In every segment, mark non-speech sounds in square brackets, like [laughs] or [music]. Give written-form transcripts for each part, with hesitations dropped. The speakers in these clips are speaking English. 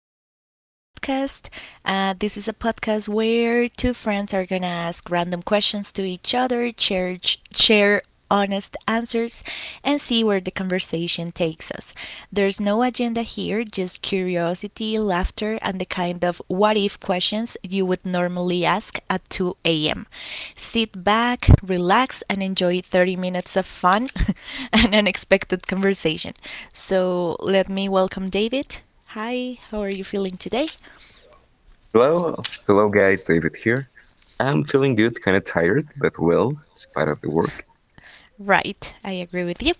Welcome to our podcast. This is a podcast where two friends are going to ask random questions to each other, share honest answers, and see where the conversation takes us. There's no agenda here, just curiosity, laughter, and the kind of what if questions you would normally ask at 2 a.m. Sit back, relax, and enjoy 30 minutes of fun [laughs] and unexpected conversation. So let me welcome David. Hi, how are you feeling today? Hello, hello guys, David here. I'm feeling good, kind of tired, but well, spite of the work. Right, I agree with you.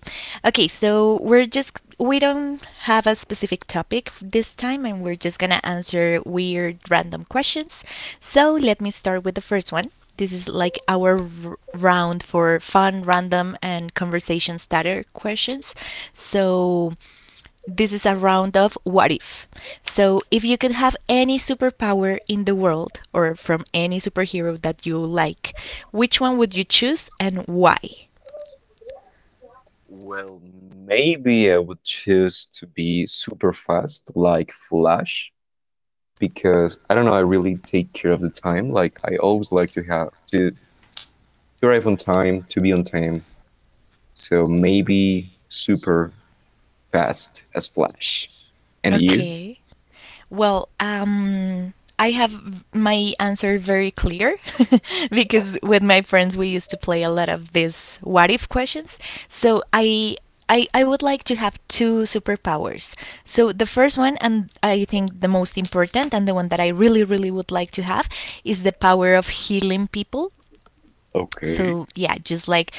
Okay, so we don't have a specific topic this time, and we're just going to answer weird random questions. So, let me start with the first one. This is like our round for fun, random and conversation starter questions. So, this is a round of what if. So, if you could have any superpower in the world or from any superhero that you like, which one would you choose and why? Well, maybe I would choose to be super fast, like Flash, because I don't know, I really take care of the time. Like I always like to have to arrive on time, to be on time. So maybe super fast as Flash. And you? Okay. Well, I have my answer very clear [laughs] because with my friends we used to play a lot of these what if questions. So I would like to have two superpowers. So the first one, and I think the most important, and the one that I really, really would like to have, is the power of healing people, Okay, okay. so yeah, just like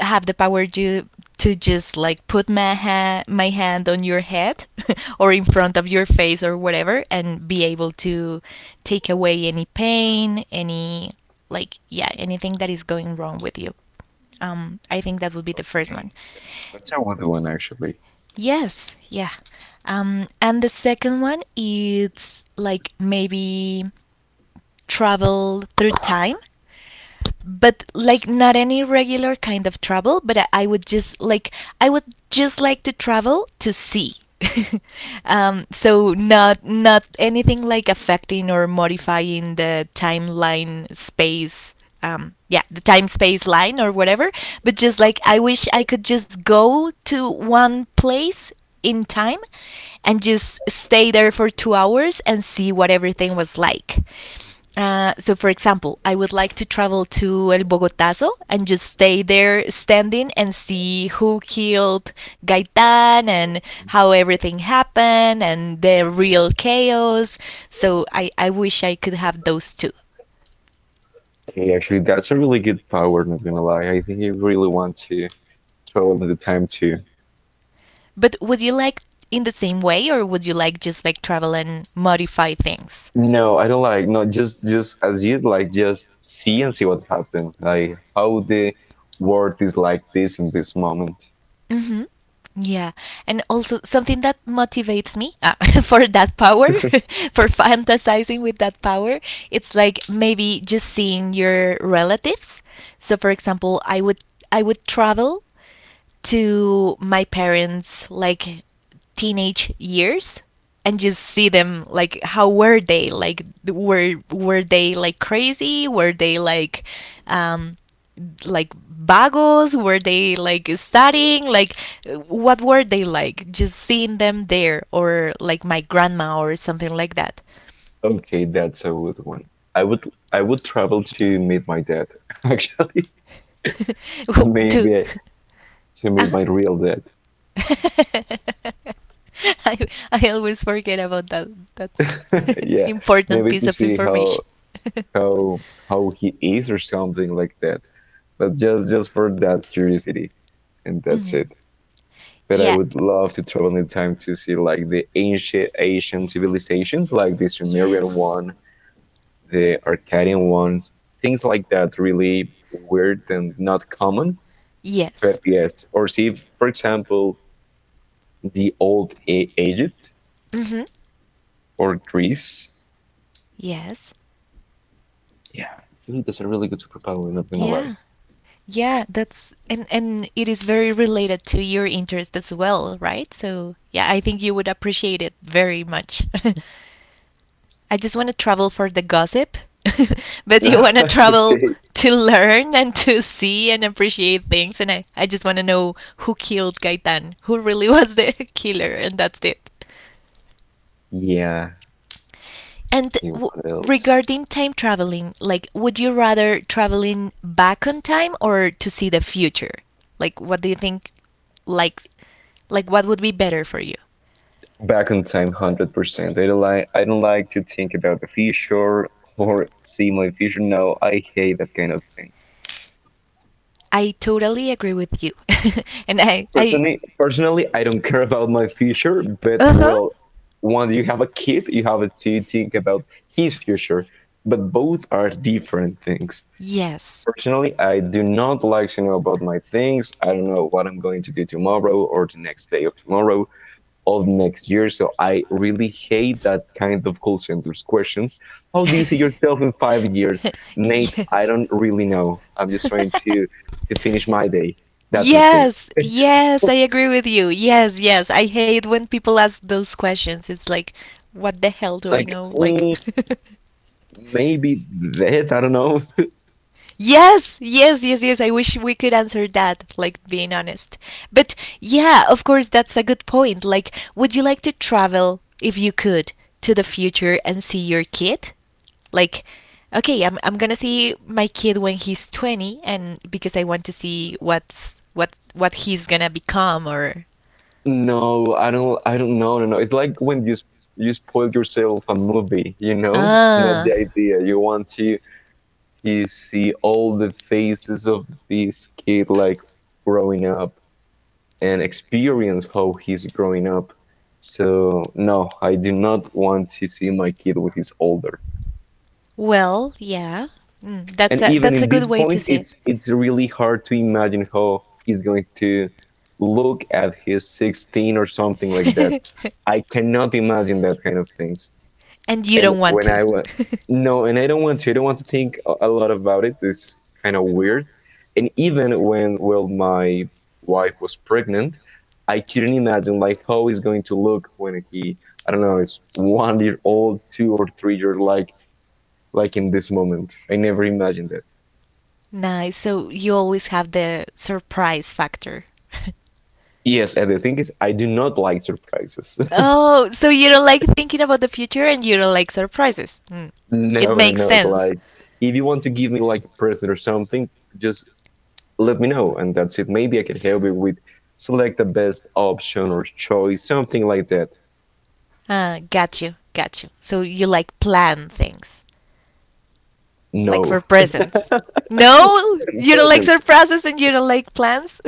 have the power to just like put my hand on your head [laughs] or in front of your face or whatever, and be able to take away any pain, any like, yeah, anything that is going wrong with you. I think that would be the first one. That's a wonder one actually. Yes, yeah. And the second one is like maybe travel through time, but like not any regular kind of travel. But I would just like, I would just like to travel to see [laughs] so not anything like affecting or modifying the timeline space, yeah, the time space line or whatever, but just like I wish I could just go to one place in time and just stay there for 2 hours and see what everything was like. So, for example, I would like to travel to El Bogotazo and just stay there standing and see who killed Gaitan, and how everything happened and the real chaos. So, I wish I could have those too. Okay, actually, that's a really good power, not gonna lie. I think I really want to travel in the time too. But would you like, in the same way, or would you like just like travel and modify things? No, I don't like. No, just as you like, just see and see what happens. Like how the world is like this in this moment. hmm Yeah, and also something that motivates me, [laughs] for that power, [laughs] [laughs] for fantasizing with that power, it's like maybe just seeing your relatives. So, for example, I would travel to my parents' like teenage years, and just see them like, how were they like, were they like crazy, were they like, um like bagos, were they like studying, like what were they like, just seeing them there, or like my grandma or something like that. Okay, that's a good one. I would I would travel to meet my dad, [laughs] actually. [laughs] To Maybe to meet uh-huh. my real dad. [laughs] I I always forget about that that [laughs] [laughs] Yeah, important maybe piece to of see information. [laughs] how how he is or something like that. But just for that curiosity, and that's Mhm. it. But I Yeah, would love to travel in time to see like the ancient Asian civilizations, like the Sumerian yes, one, the Arcadian ones, things like that, really weird and not common. yes. But yes, or see, for example, the old Egypt Mhm. or Greece. Yes. Yeah, I think that's a really good superpower. Not gonna lie. Yeah. Yeah, that's, and it is very related to your interest as well, right? So, yeah, I think you would appreciate it very much. [laughs] I just want to travel for the gossip, [laughs] but you want [laughs] to travel okay. to learn and to see and appreciate things, and I just want to know who killed Gaitan, who really was the [laughs] killer, and that's it. Yeah. And Okay. What else? regarding time traveling, like, would you rather traveling back on time or to see the future? Like, what do you think? Like, like what would be better for you? Back on time, 100%. I don't like to think about the future [laughs] or see my future. No, I hate that kind of things. I totally agree with you, [laughs] and Personally, I don't care about my future, but uh huh. well, once you have a kid, you have to think about his future. But both are different things. Yes. Personally, I do not like to know about my things. I don't know what I'm going to do tomorrow or the next day of tomorrow. Of next year. So I really hate that kind of call centers questions. How do you see yourself in [laughs] 5 years? Mate, I yes. don't really know. I'm just trying to finish my day. That's the thing. Yes, [laughs] yes, I agree with you. Yes, yes. I hate when people ask those questions. It's like, what the hell do I Like know? Like, maybe that, [laughs] I don't know. yes, yes, yes, yes. I wish we could answer that, like being honest. But yeah, of course, that's a good point. Like, would you like to travel, if you could, to the future and see your kid? Like, okay, I'm gonna see my kid when he's 20, and because I want to see what he's gonna become, or No, I don't know. No, no. It's like when you you spoil yourself a movie, you know? It's not ah, the idea. You want to see all the faces of this kid like growing up and experience how he's growing up. So no, I do not want to see my kid when he's older. well, yeah. Mm, that's And even a in this good way to point, see it. it's really hard to imagine how he's going to look at his 16 or something like that. [laughs] I cannot imagine that kind of things. And you And don't want when to. I went, No, and I don't want to. I don't want to think a [laughs] lot about it. It's kind of weird. And even when well, my wife was pregnant, I couldn't imagine like how it's going to look when he I don't know, it's one year old, two or three year like in this moment. I never imagined it. Nice. So you always have the surprise factor. Yes, and the thing is I do not like surprises. Oh, so you don't like thinking about the future and you don't like surprises. Hmm. [laughs] no, It no, makes no. It's sense. like if you want to give me like a present or something, just let me know, and that's it. Maybe I can help you with select the best option or choice, something like that. Got you, got you. So you like plan things, like for No, presents. No, it you don't like doesn't. surprises and you don't like plans.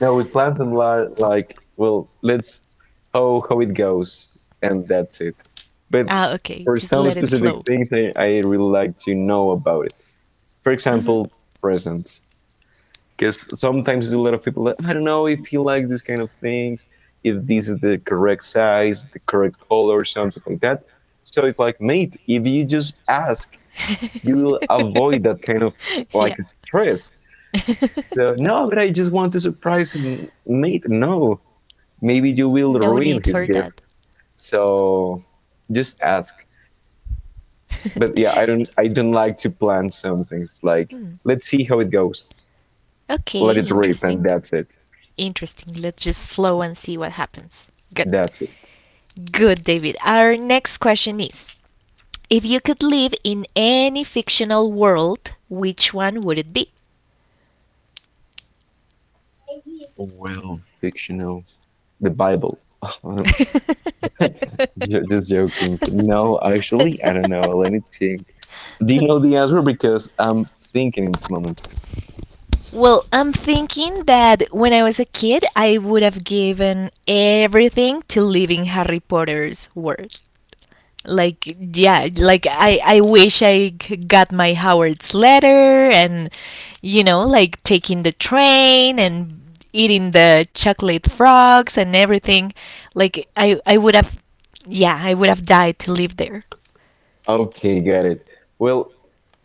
Now with Platinum, like, well, let's how it goes, and that's it. But [laughs] Ah, okay, for just some let it specific flow. things, I really like to know about it. For hmm example, presents. Because sometimes a lot of people like, I don't know if he likes these kind of things, if this is the correct size, the correct color, something like that. So it's like mate, if you just ask, you will avoid that kind of [laughs] yeah. like stress. So [laughs] no, but I just want to surprise him mate. No, maybe you will No ruin need his for gift. that. So just ask. But yeah, i [laughs] don't i don't like to plan some things like Hmm. let's see how it goes, Okay, let it rip and interesting. that's it. Interesting. Let's just flow and see what happens. Good. That's it. Good, David. Our next question is, if you could live in any fictional world, which one would it be? Well, fictional. The Bible. [laughs] Ju- Just joking. No, actually, I don't know. Let me think. Do you know the answer? Because I'm thinking in this [laughs] moment. Well, I'm thinking that when I was a kid, I would have given everything to live in Harry Potter's world. Like, yeah, like I wish I got my Howard's letter, and, you know, like taking the train and eating the chocolate frogs and everything. Like, I would have, yeah, I would have died to live there. Okay, got it. Well,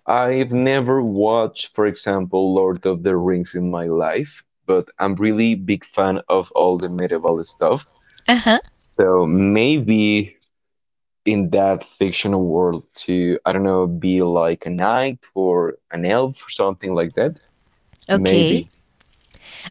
I've never watched, for example, Lord of the Rings in my life, but I'm really big fan of all the medieval stuff. Uh huh. So maybe in that fictional world to, I don't know, be like a knight or an elf or something like that. Okay. Maybe.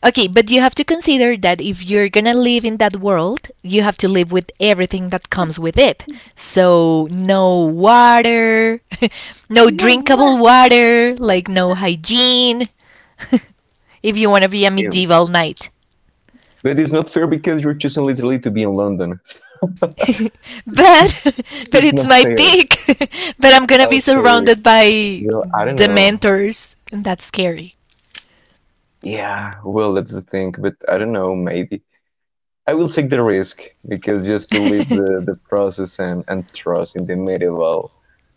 Okay, but you have to consider that if you're gonna live in that world, you have to live with everything that comes with it. So, no water, [laughs] no drinkable water, like no hygiene if you wanna be a Damn. medieval knight. But it's not fair because you're choosing literally to be in London. But, [laughs] [laughs] but it's it's not my fair. pick. [laughs] But I'm gonna be Okay. surrounded by Well, I don't know. dementors, and that's scary. Yeah. Well, that's the thing. But I don't know. Maybe I will take the risk because just to leave the process and trust in the medieval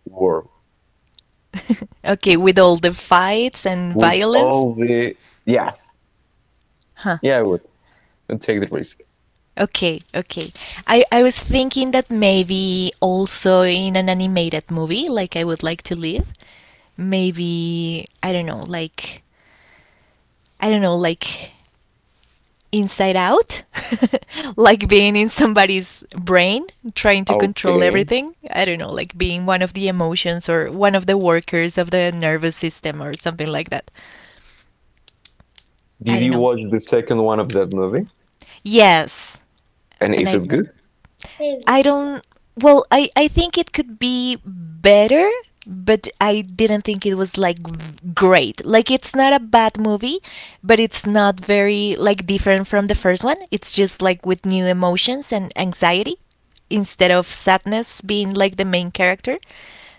world [laughs] Okay, with all the fights and with violence. all the yeah Huh. yeah I'd take the risk. Okay, okay. I was thinking that maybe also in an animated movie, like I would like to live, maybe, I don't know, like, I don't know, like inside out, [laughs] like being in somebody's brain, trying to control Okay. everything. I don't know, like being one of the emotions or one of the workers of the nervous system or something like that. I Did don't you know. watch the second one of that movie? Yes, And and is it good? Uh, I don't. Well, I think it could be better, but I didn't think it was like great. Like it's not a bad movie, but it's not very like different from the first one. It's just like with new emotions and anxiety instead of sadness being like the main character.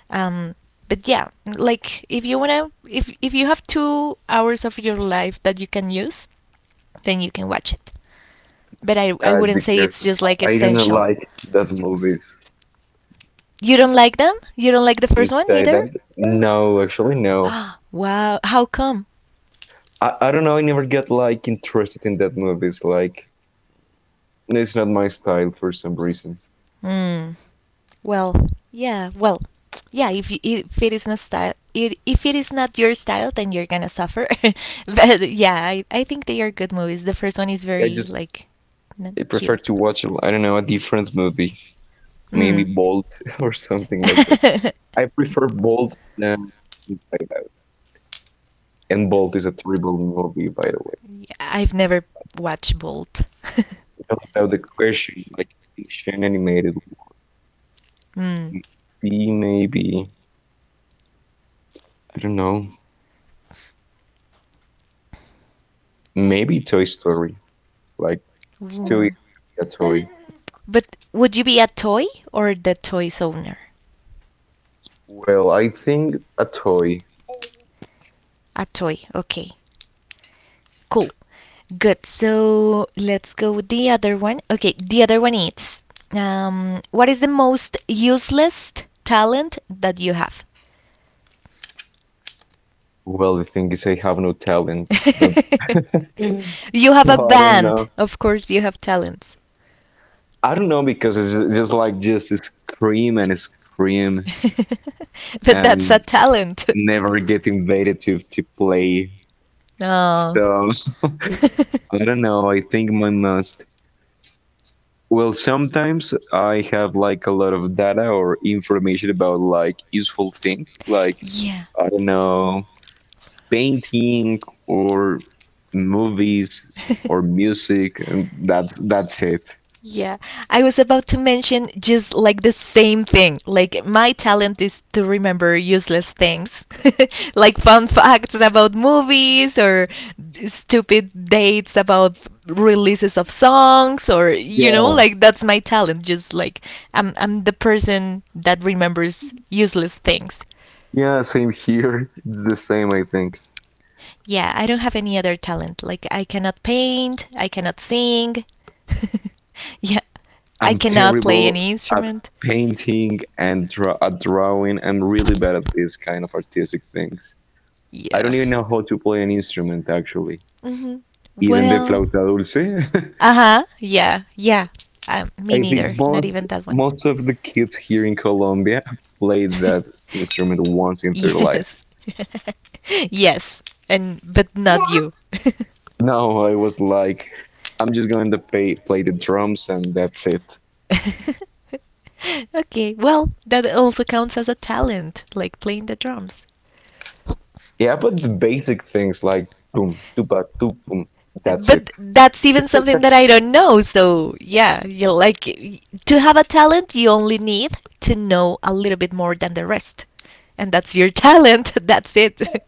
Um, but yeah, like if you wanna, if you have 2 hours of your life that you can use, then you can watch it. But I wouldn't say because it's just like I do not essential. like that movies. You don't like them? You don't like the You first one say either? that? No, actually, no. [gasps] Wow, how come? I don't know. I never get like interested in that movies. Like it's not my style for some reason. Hmm. Well, yeah. Well, yeah. If you, if it is not style, it, if it is not your style, then you're gonna suffer. [laughs] But yeah, I think they are good movies. The first one is I very just like, not I prefer cute. to watch I don't know a different movie, maybe Mm. Bolt [laughs] or something like that. [laughs] I prefer Bolt than Inside Out. And Bolt is a terrible movie, by the way. Yeah, I've never watched Bolt. I don't know the question. Like fiction animated would [laughs] Mm. be maybe I don't know. Maybe Toy Story. It's like it's too easy Ooh. to be a toy. But would you be a toy or the toy's owner? Well, I think a toy. A toy. Okay. Cool. Good. So let's go with the other one. Okay. The other one is, what is the most useless talent that you have? Well, the thing is, I have no talents. [laughs] You have No, a [laughs] I don't band. know. Of course, you have talents. I don't know because it's just like just to scream and scream [laughs] But that's a and talent. [laughs] never get invited to play. No. So [laughs] I [laughs] don't know. I think my must. Well, sometimes I have like a lot of data or information about like useful things, like Yeah. I don't know painting or movies or [laughs] music and that's it. Yeah, I was about to mention just like the same thing. Like, my talent is to remember useless things, [laughs] like fun facts about movies, or stupid dates about releases of songs, or you know, Yeah, like that's my talent. Just like I'm the person that remembers useless things. yeah, same here. [laughs] It's the same I think. Yeah, I don't have any other talent. Like I cannot paint, I cannot sing. [laughs] Yeah, I I'm cannot play terrible any at instrument. painting and drawing. I'm really bad at these kind of artistic things. I don't Yeah. even know how to play an instrument actually, Mhm. even the Well, flauta dulce. [laughs] uh huh. Yeah, yeah. Me I think neither. Not most even that one. most of the kids here in Colombia [laughs] played that [laughs] instrument once in their life. Yes. [laughs] Yes. And but not you. [laughs] No, I was like, I'm just going to play the drums and that's it. Okay. Well, that also counts as a talent, like playing the drums. Yeah, but the basic things like boom, tuba, tup, boom, that's it. But that's even something that I don't know. So, yeah, you like to have a talent, you only need to know a little bit more than the rest. And that's your talent. [laughs] That's it.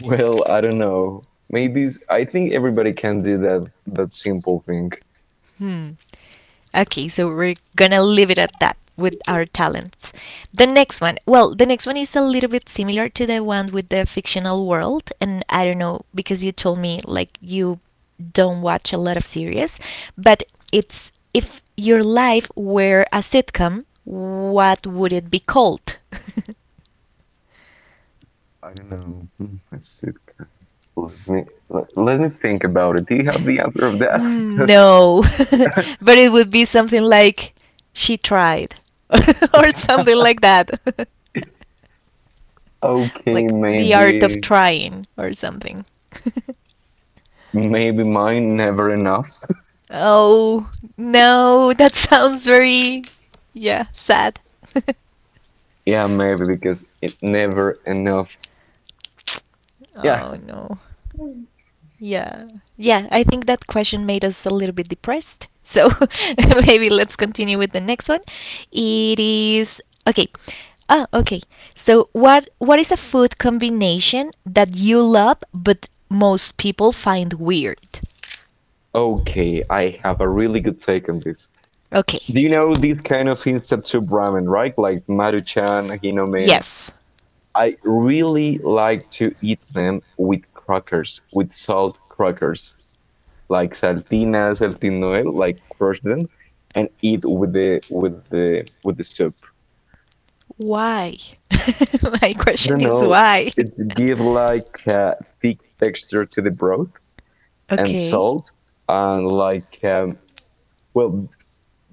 Well, I don't know. Maybe I think everybody can do that simple thing. Hmm. Okay, so we're gonna leave it at that with our talents. The next one, well, the next one is a little bit similar to the one with the fictional world, and I don't know because you told me like you don't watch a lot of series, but it's, if your life were a sitcom, what would it be called? [laughs] I don't know. Hmm, let's see. Let me let, let me think about it. Do you have the answer of that? [laughs] No, Because [laughs] but it would be something like, she tried, [laughs] or something like that. [laughs] okay, Like the art of maybe trying or something. [laughs] Mine never enough. [laughs] Oh, no, that sounds very, yeah, sad. Yeah, maybe because it never enough. [laughs] Yeah. Oh no. Yeah. Yeah, I think that question made us a little bit depressed. So [laughs] maybe let's continue with the next one. It is okay. Ah, okay. So what is a food combination that you love but most people find weird? Okay, I have a really good take on this. Okay. Do you know this kind of instant soup ramen, right? Like Maruchan, Hinomen. Yes. I really like to eat them with crackers, with salt crackers, like saltinas, saltinoel, like crush them and eat with the soup. Why? [laughs] My I question don't is know, why. it give like a thick texture to the broth [laughs] and okay. salt and well,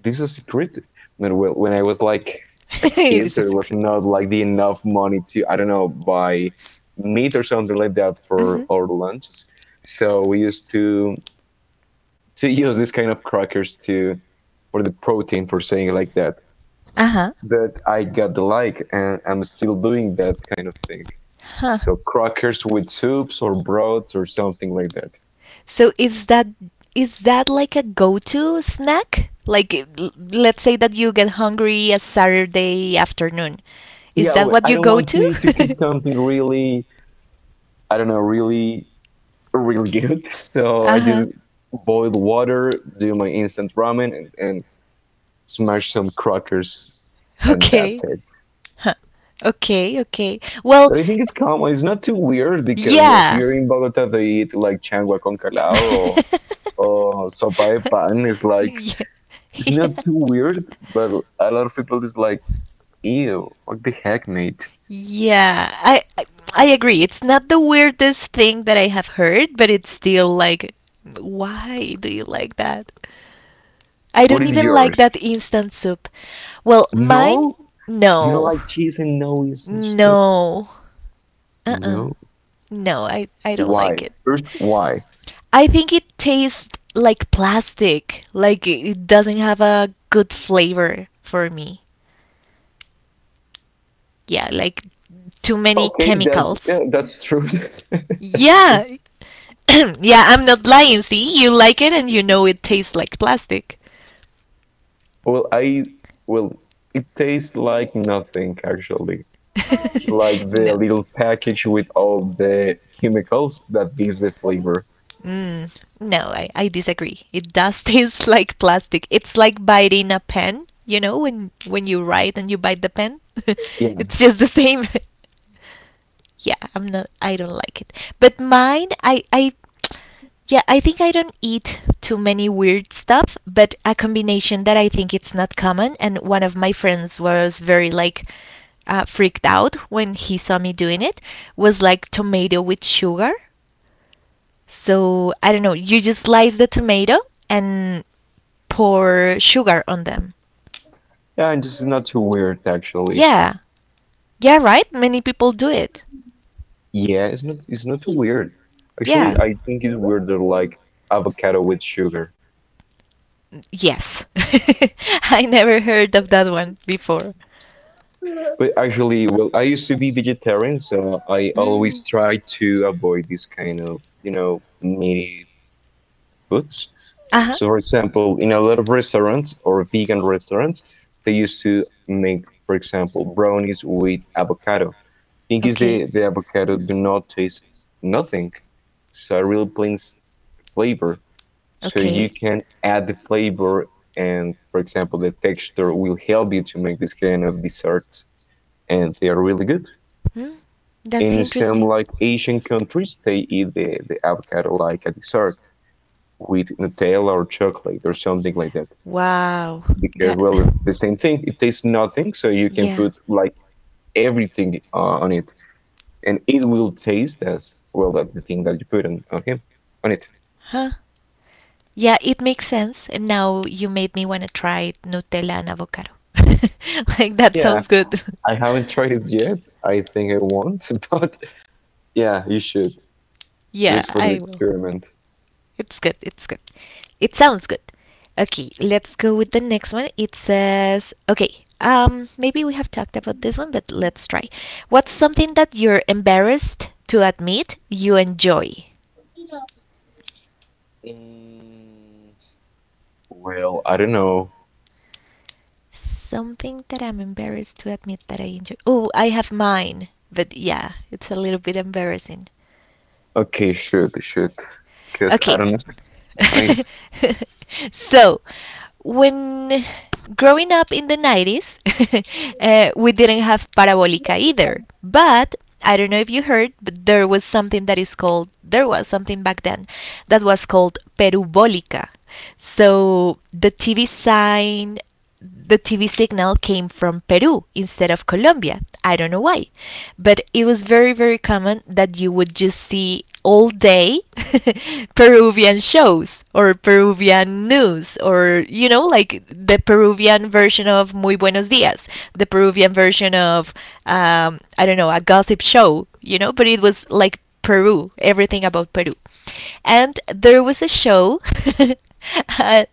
this is a secret. When I was like [laughs] a it kid, is a there was secret. not like the enough money to I don't know buy meat or something like that for Hmm our lunches. So we used to [laughs] use this kind of crackers to for the protein for saying it like that. Uh huh. But I got the like, and I'm still doing that kind of thing. Huh. So crackers with soups or broths or something like that. So is that like a go-to snack? Like let's say that you get hungry a Saturday afternoon. Is Yeah, that what I you don't go want to cook to? something [laughs] really I don't know really good. [laughs] So I uh-huh. just boil water, do my instant ramen, and smash some crackers, and that's Okay. it. Huh. Okay. Well, But I think it's common. It's not too weird because, well, yeah. here in Bogota they eat like changua con calado, [laughs] or sopa de pan. It's like yeah. [laughs] it's yeah. not too weird, but a lot of people is like, "Ew, what the heck, mate?" Yeah, I agree. It's not the weirdest thing that I have heard, but it's still like, why do you like that? I What don't is even like yours? that instant soup. Well, mine, No, you don't no, like cheese and no, you such stuff. no, uh, uh No, no, I don't like why? it. First, why? I think it tastes like plastic. Like it doesn't have a good flavor for me. Yeah, like too many Okay, that chemicals. yeah, that's true. [laughs] that's true. Yeah. [clears throat] yeah, I'm not lying. See, you like it and you know it tastes like plastic. Well, well, it tastes like nothing actually. Like the [laughs] no. little package with all the chemicals that gives the flavor. Mm, no, I disagree. It does [laughs] taste like plastic. It's like biting a pen, you know, when you write and you bite the pen. [laughs] Yeah, it's just the same. [laughs] yeah, I don't like it. But mine I yeah, I think I don't eat too many weird stuff, but a combination that I think it's not common and one of my friends was very like freaked out when he saw me doing it was like tomato with sugar. So I don't know, you just slice the tomato and pour sugar on them. yeah, and it's not too weird actually. Yeah, yeah, right? Many people do it. Yeah, it's not too weird. Actually, Yeah, I think it's weirder like avocado with sugar. yes. [laughs] I never heard of that one before. But actually, well, I used to be vegetarian, so I always Mm. try to avoid this kind of you know meaty foods. Uh huh. So, for example, in a lot of restaurants or vegan restaurants, they used to make, for example, brownies with avocado. Thing is, Okay. The avocado do not taste nothing. It's a real plain flavor. So you Okay. can add the flavor and, for example, the texture will help you to make this kind of desserts, and they are really good. Hmm. That's In some interesting. like Asian countries, they eat the avocado like a dessert with Nutella or chocolate or something like that. Wow. Because That well, it's [laughs] the same thing, it tastes nothing, so you can yeah. put like everything on it, and it will taste as well as the thing that you put on him on it. Huh? Yeah, it makes sense. And now you made me want to try Nutella and avocado. [laughs] like that Yeah, sounds good. I haven't tried it yet. I think I won't, [laughs] but [laughs] yeah, you should, Yeah, just for the I will. experiment. It's good. It's good. It sounds good. Okay, let's go with the next one. It says, okay, maybe we have talked about this one, but let's try. What's something that you're embarrassed to admit you enjoy? Mm, well, I don't know. Something that I'm embarrassed to admit that I enjoy. Oh, I have mine, but yeah, it's a little bit embarrassing. Okay, Okay. should sure, should sure. because I Okay, don't know. [laughs] Like, [laughs] so, when growing up in the 90s, [laughs] we didn't have parabolica either. But I don't know if you heard, but there was something back then that was called perubolica. So, the TV signal came from Peru instead of Colombia. I don't know why. But it was very, very common that you would just see all day [laughs] Peruvian shows or Peruvian news or, you know, like the Peruvian version of Muy Buenos Dias, the Peruvian version of, I don't know, a gossip show, you know, but it was like Peru, everything about Peru. And there was a show. [laughs] uh,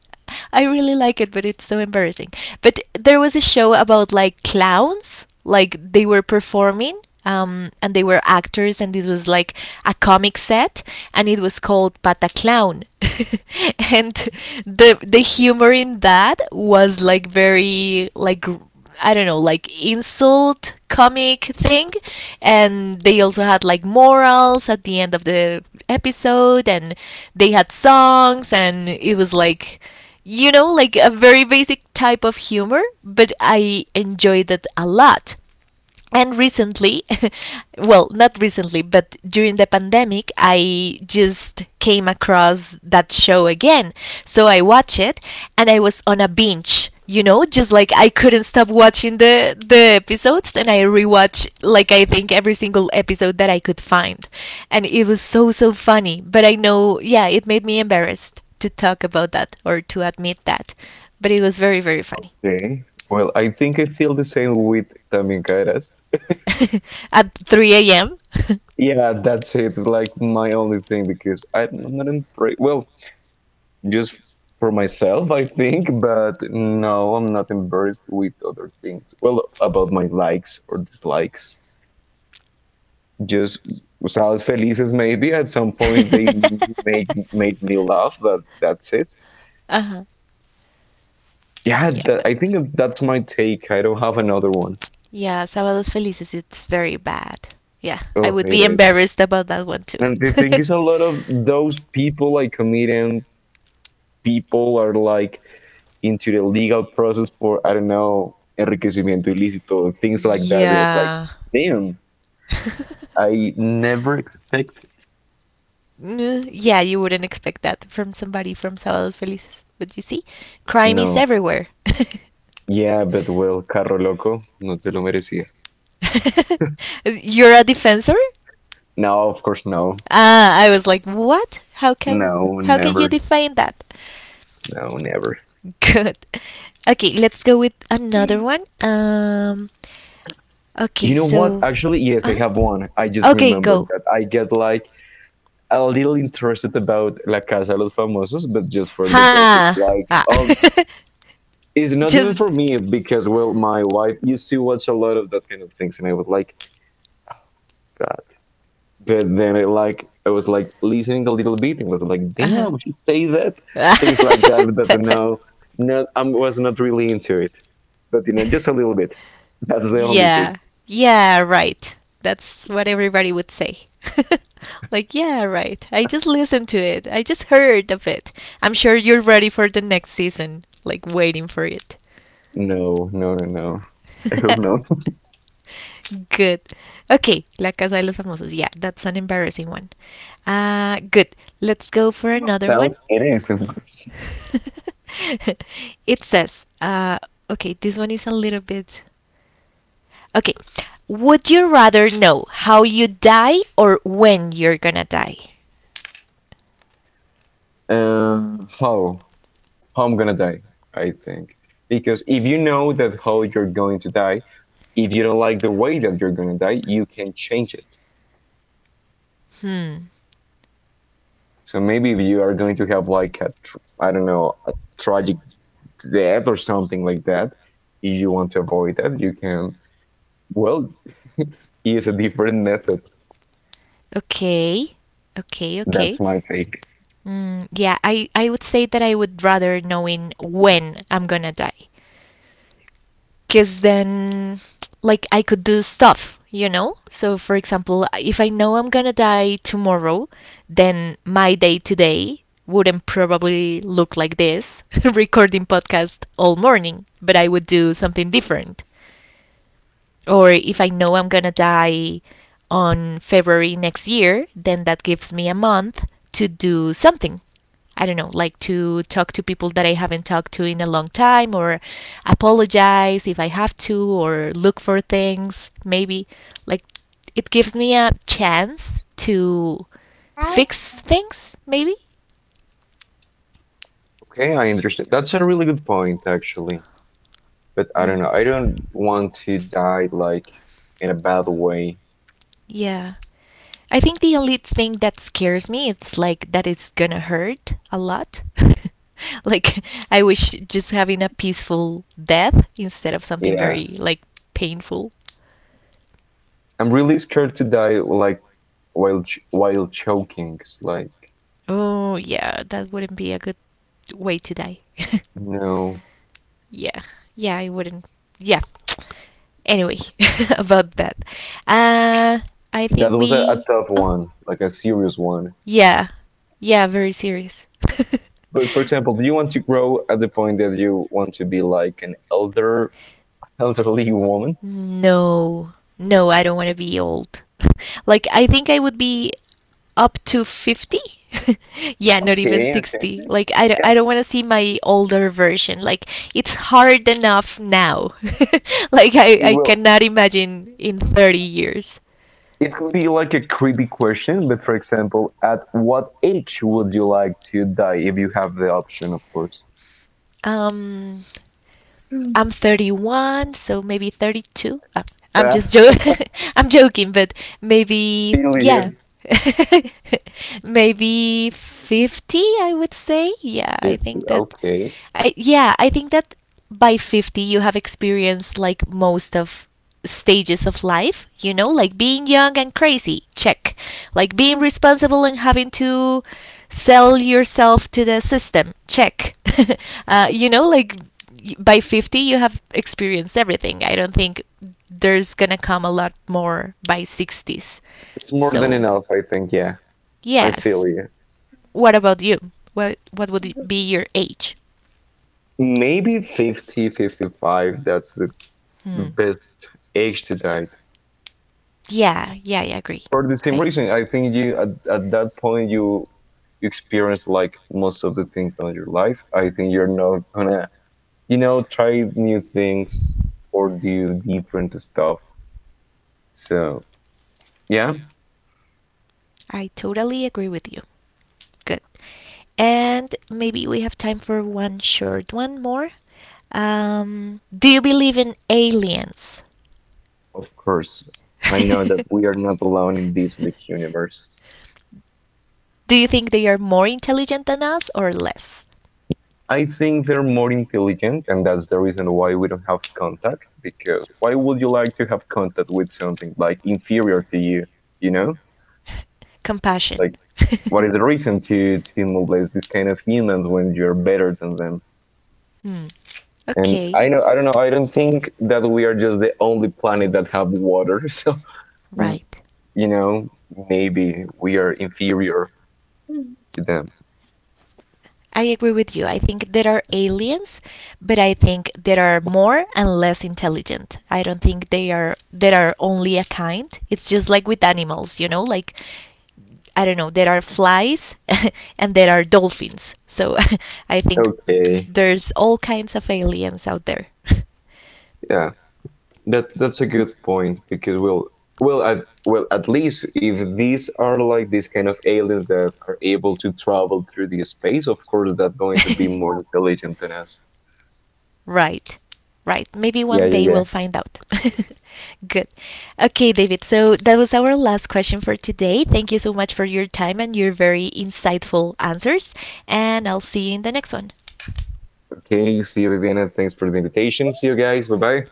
I really like it, but it's so embarrassing. But there was a show about like clowns, like they were performing. And they were actors, and this was like a comic set, and it was called Pata Clown, [laughs] and the humor in that was like very like I don't know, like insult comic thing. And they also had like morals at the end of the episode, and they had songs, and it was like, you know, like a very basic type of humor, but I enjoyed it a lot and recently [laughs] well not recently but during the pandemic I just came across that show again so I watched it and I was on a binge, you know, just like I couldn't stop watching the episodes and I rewatched like I think every single episode that I could find, and it was so so funny, but I know, yeah, it made me embarrassed to talk about that or to admit that, but it was very very funny. okay, well, I think I feel the same with tamincaras. [laughs] At 3 a.m.? Yeah, that's it. Like my only thing, because I'm not embarrassed. Well, just for myself, I think, but no, I'm not embarrassed with other things. Well, about my likes or dislikes. Just Usados Felices, maybe at some point they [laughs] make made me laugh, but that's it. uh huh. Yeah, Yeah. that, I think that's my take. I don't have another one. Yeah, Sábados Felices, it's very bad. Yeah, I Oh, would it be is. embarrassed about that one too. And the [laughs] thing is, a lot of those people, like comedian people, are like into the legal process for, I don't know, enriquecimiento ilícito, things like that. And it's like, yeah. damn, I never expected. Mm, yeah, you wouldn't expect that from somebody from Sábados Felices. But you see, crime is No, everywhere. yeah, but well, carro loco, no te lo merecía. [laughs] You're a defensor? No, of course, no, Ah, I was like, what? How come? no, How can you never, define that? no, never. [laughs] Good. Okay, let's go with another one. Okay, You know what? so. Actually, yes, I Uh-huh. have one. I just Okay, remembered go. that I get like a little interested about La Casa de los Famosos, but just for the gossip. Ha. Like, Ah. oh, it's [laughs] not even Just for me because, well, my wife used to watch a lot of that kind of things, and I was like, God. But then, it like I was like listening a little bit and was like, damn, she say that things like uh-huh. that. But [laughs] no, no, I was not really into it. But you know, just a little bit. That's the only thing. Yeah. Yeah, right. That's what everybody would say. [laughs] like, yeah, right. I just listened to it. I just heard of it. I'm sure you're ready for the next season, like waiting for it. No, no, no, no. I hope not. [laughs] [laughs] Good. Okay, La Casa de los Famosos. Yeah, that's an embarrassing one. Good. Let's go for another Now one. it is, of course. [laughs] it says, okay, this one is a little bit Okay. Would you rather know how you die or when you're gonna die? Um, how how I'm gonna die? I think, because if you know that how you're going to die, if you don't like the way that you're gonna die, you can change it. Hmm. So maybe if you are going to have like a, I don't know, a tragic death or something like that, if you want to avoid that, you can. Well, use a different method. Okay. Okay. That's Okay. my take. Mm, yeah, I would say that I would rather knowing when I'm gonna die. Because then, like, I could do stuff, you know? So, for example, if I know I'm gonna die tomorrow, then my day today wouldn't probably look like this [laughs] recording podcast all morning, but I would do something different. Or if I know I'm gonna die on February next year, then that gives me a month to do something. I don't know, like to talk to people that I haven't talked to in a long time, or apologize if I have to, or look for things, maybe. Like, it gives me a chance to How? fix things, maybe? Okay, I understand. That's a really good point, actually. But I don't know. I don't want to die like in a bad way. Yeah. I think the only thing that scares me it's like that it's gonna hurt a lot. [laughs] like I wish just having a peaceful death instead of something Yeah. very like painful. I'm really scared to die like while while choking. It's like, Oh yeah, that wouldn't be a good way to die. [laughs] no, yeah. Yeah, I wouldn't. Yeah. Anyway, [laughs] about that. Uh I that think was a we tough Oh. one, like a serious one. Yeah. Yeah, very serious. [laughs] But for example, do you want to grow at the point that you want to be like an elderly [laughs] woman? No. No, I don't want to be old. [laughs] like I think I would be up to 50 [laughs] yeah not even Okay, okay, 60 like yeah. I don't want to see my older version like it's hard enough now [laughs] like I Well, cannot imagine in 30 years it could be like a creepy question, but for example, at what age would you like to die, if you have the option, of course? um Mm. I'm 31, so maybe 32. I'm Ah, just joking. [laughs] I'm joking, but [laughs] maybe still yeah. here. [laughs] maybe 50, I would say. Yeah, I 50. think that Okay. I yeah, I think that by 50 you have experienced like most of stages of life, you know, like being young and crazy, check. Like being responsible and having to sell yourself to the system, check. [laughs] You know, like by 50 you have experienced everything. I don't think there's gonna come a lot more by 60s, It's more than so enough, I think. Yeah, I yes. feel you. What about you? What would it be your age? Maybe 50, 55. That's the Hmm best age to date. yeah yeah I agree For the same i reason, I think you at that point you you experience like most of the things on your life. I think you're not gonna, you know, try new things or do different stuff. So yeah. I totally agree with you. Good. And maybe we have time for one short one more. Do you believe in aliens? Of course, I know that we are not [laughs] alone in this big universe. do you think they are more intelligent than us or less? I think they're more intelligent, and that's the reason why we don't have contact. Because why would you like to have contact with something like inferior to you? You know, Compassion. like, [laughs] what is the reason to molest this kind of humans when you're better than them? Hmm. And Okay. I know, I don't know. I don't think that we are just the only planet that have water. [laughs] So mm, Right. you know, maybe we are inferior. Mhm. To them. I agree with you. I think there are aliens, but I think there are more and less intelligent. I don't think they are there are only a kind. It's just like with animals, you know, like I don't know, there are flies [laughs] and there are dolphins. So [laughs] I think Okay. there's all kinds of aliens out there. [laughs] Yeah. That that's a good point because we'll, well at, well at least if these are like these kind of aliens that are able to travel through the space, of course that's going to be more [laughs] intelligent than us. Right. Right. Maybe Yeah, one yeah, day yeah. we'll find out. [laughs] Good. Okay, David. So that was our last question for today. Thank you so much for your time and your very insightful answers. And I'll see you in the next one. Okay, see you, Viviana. Thanks for the invitation. See you guys. Bye bye.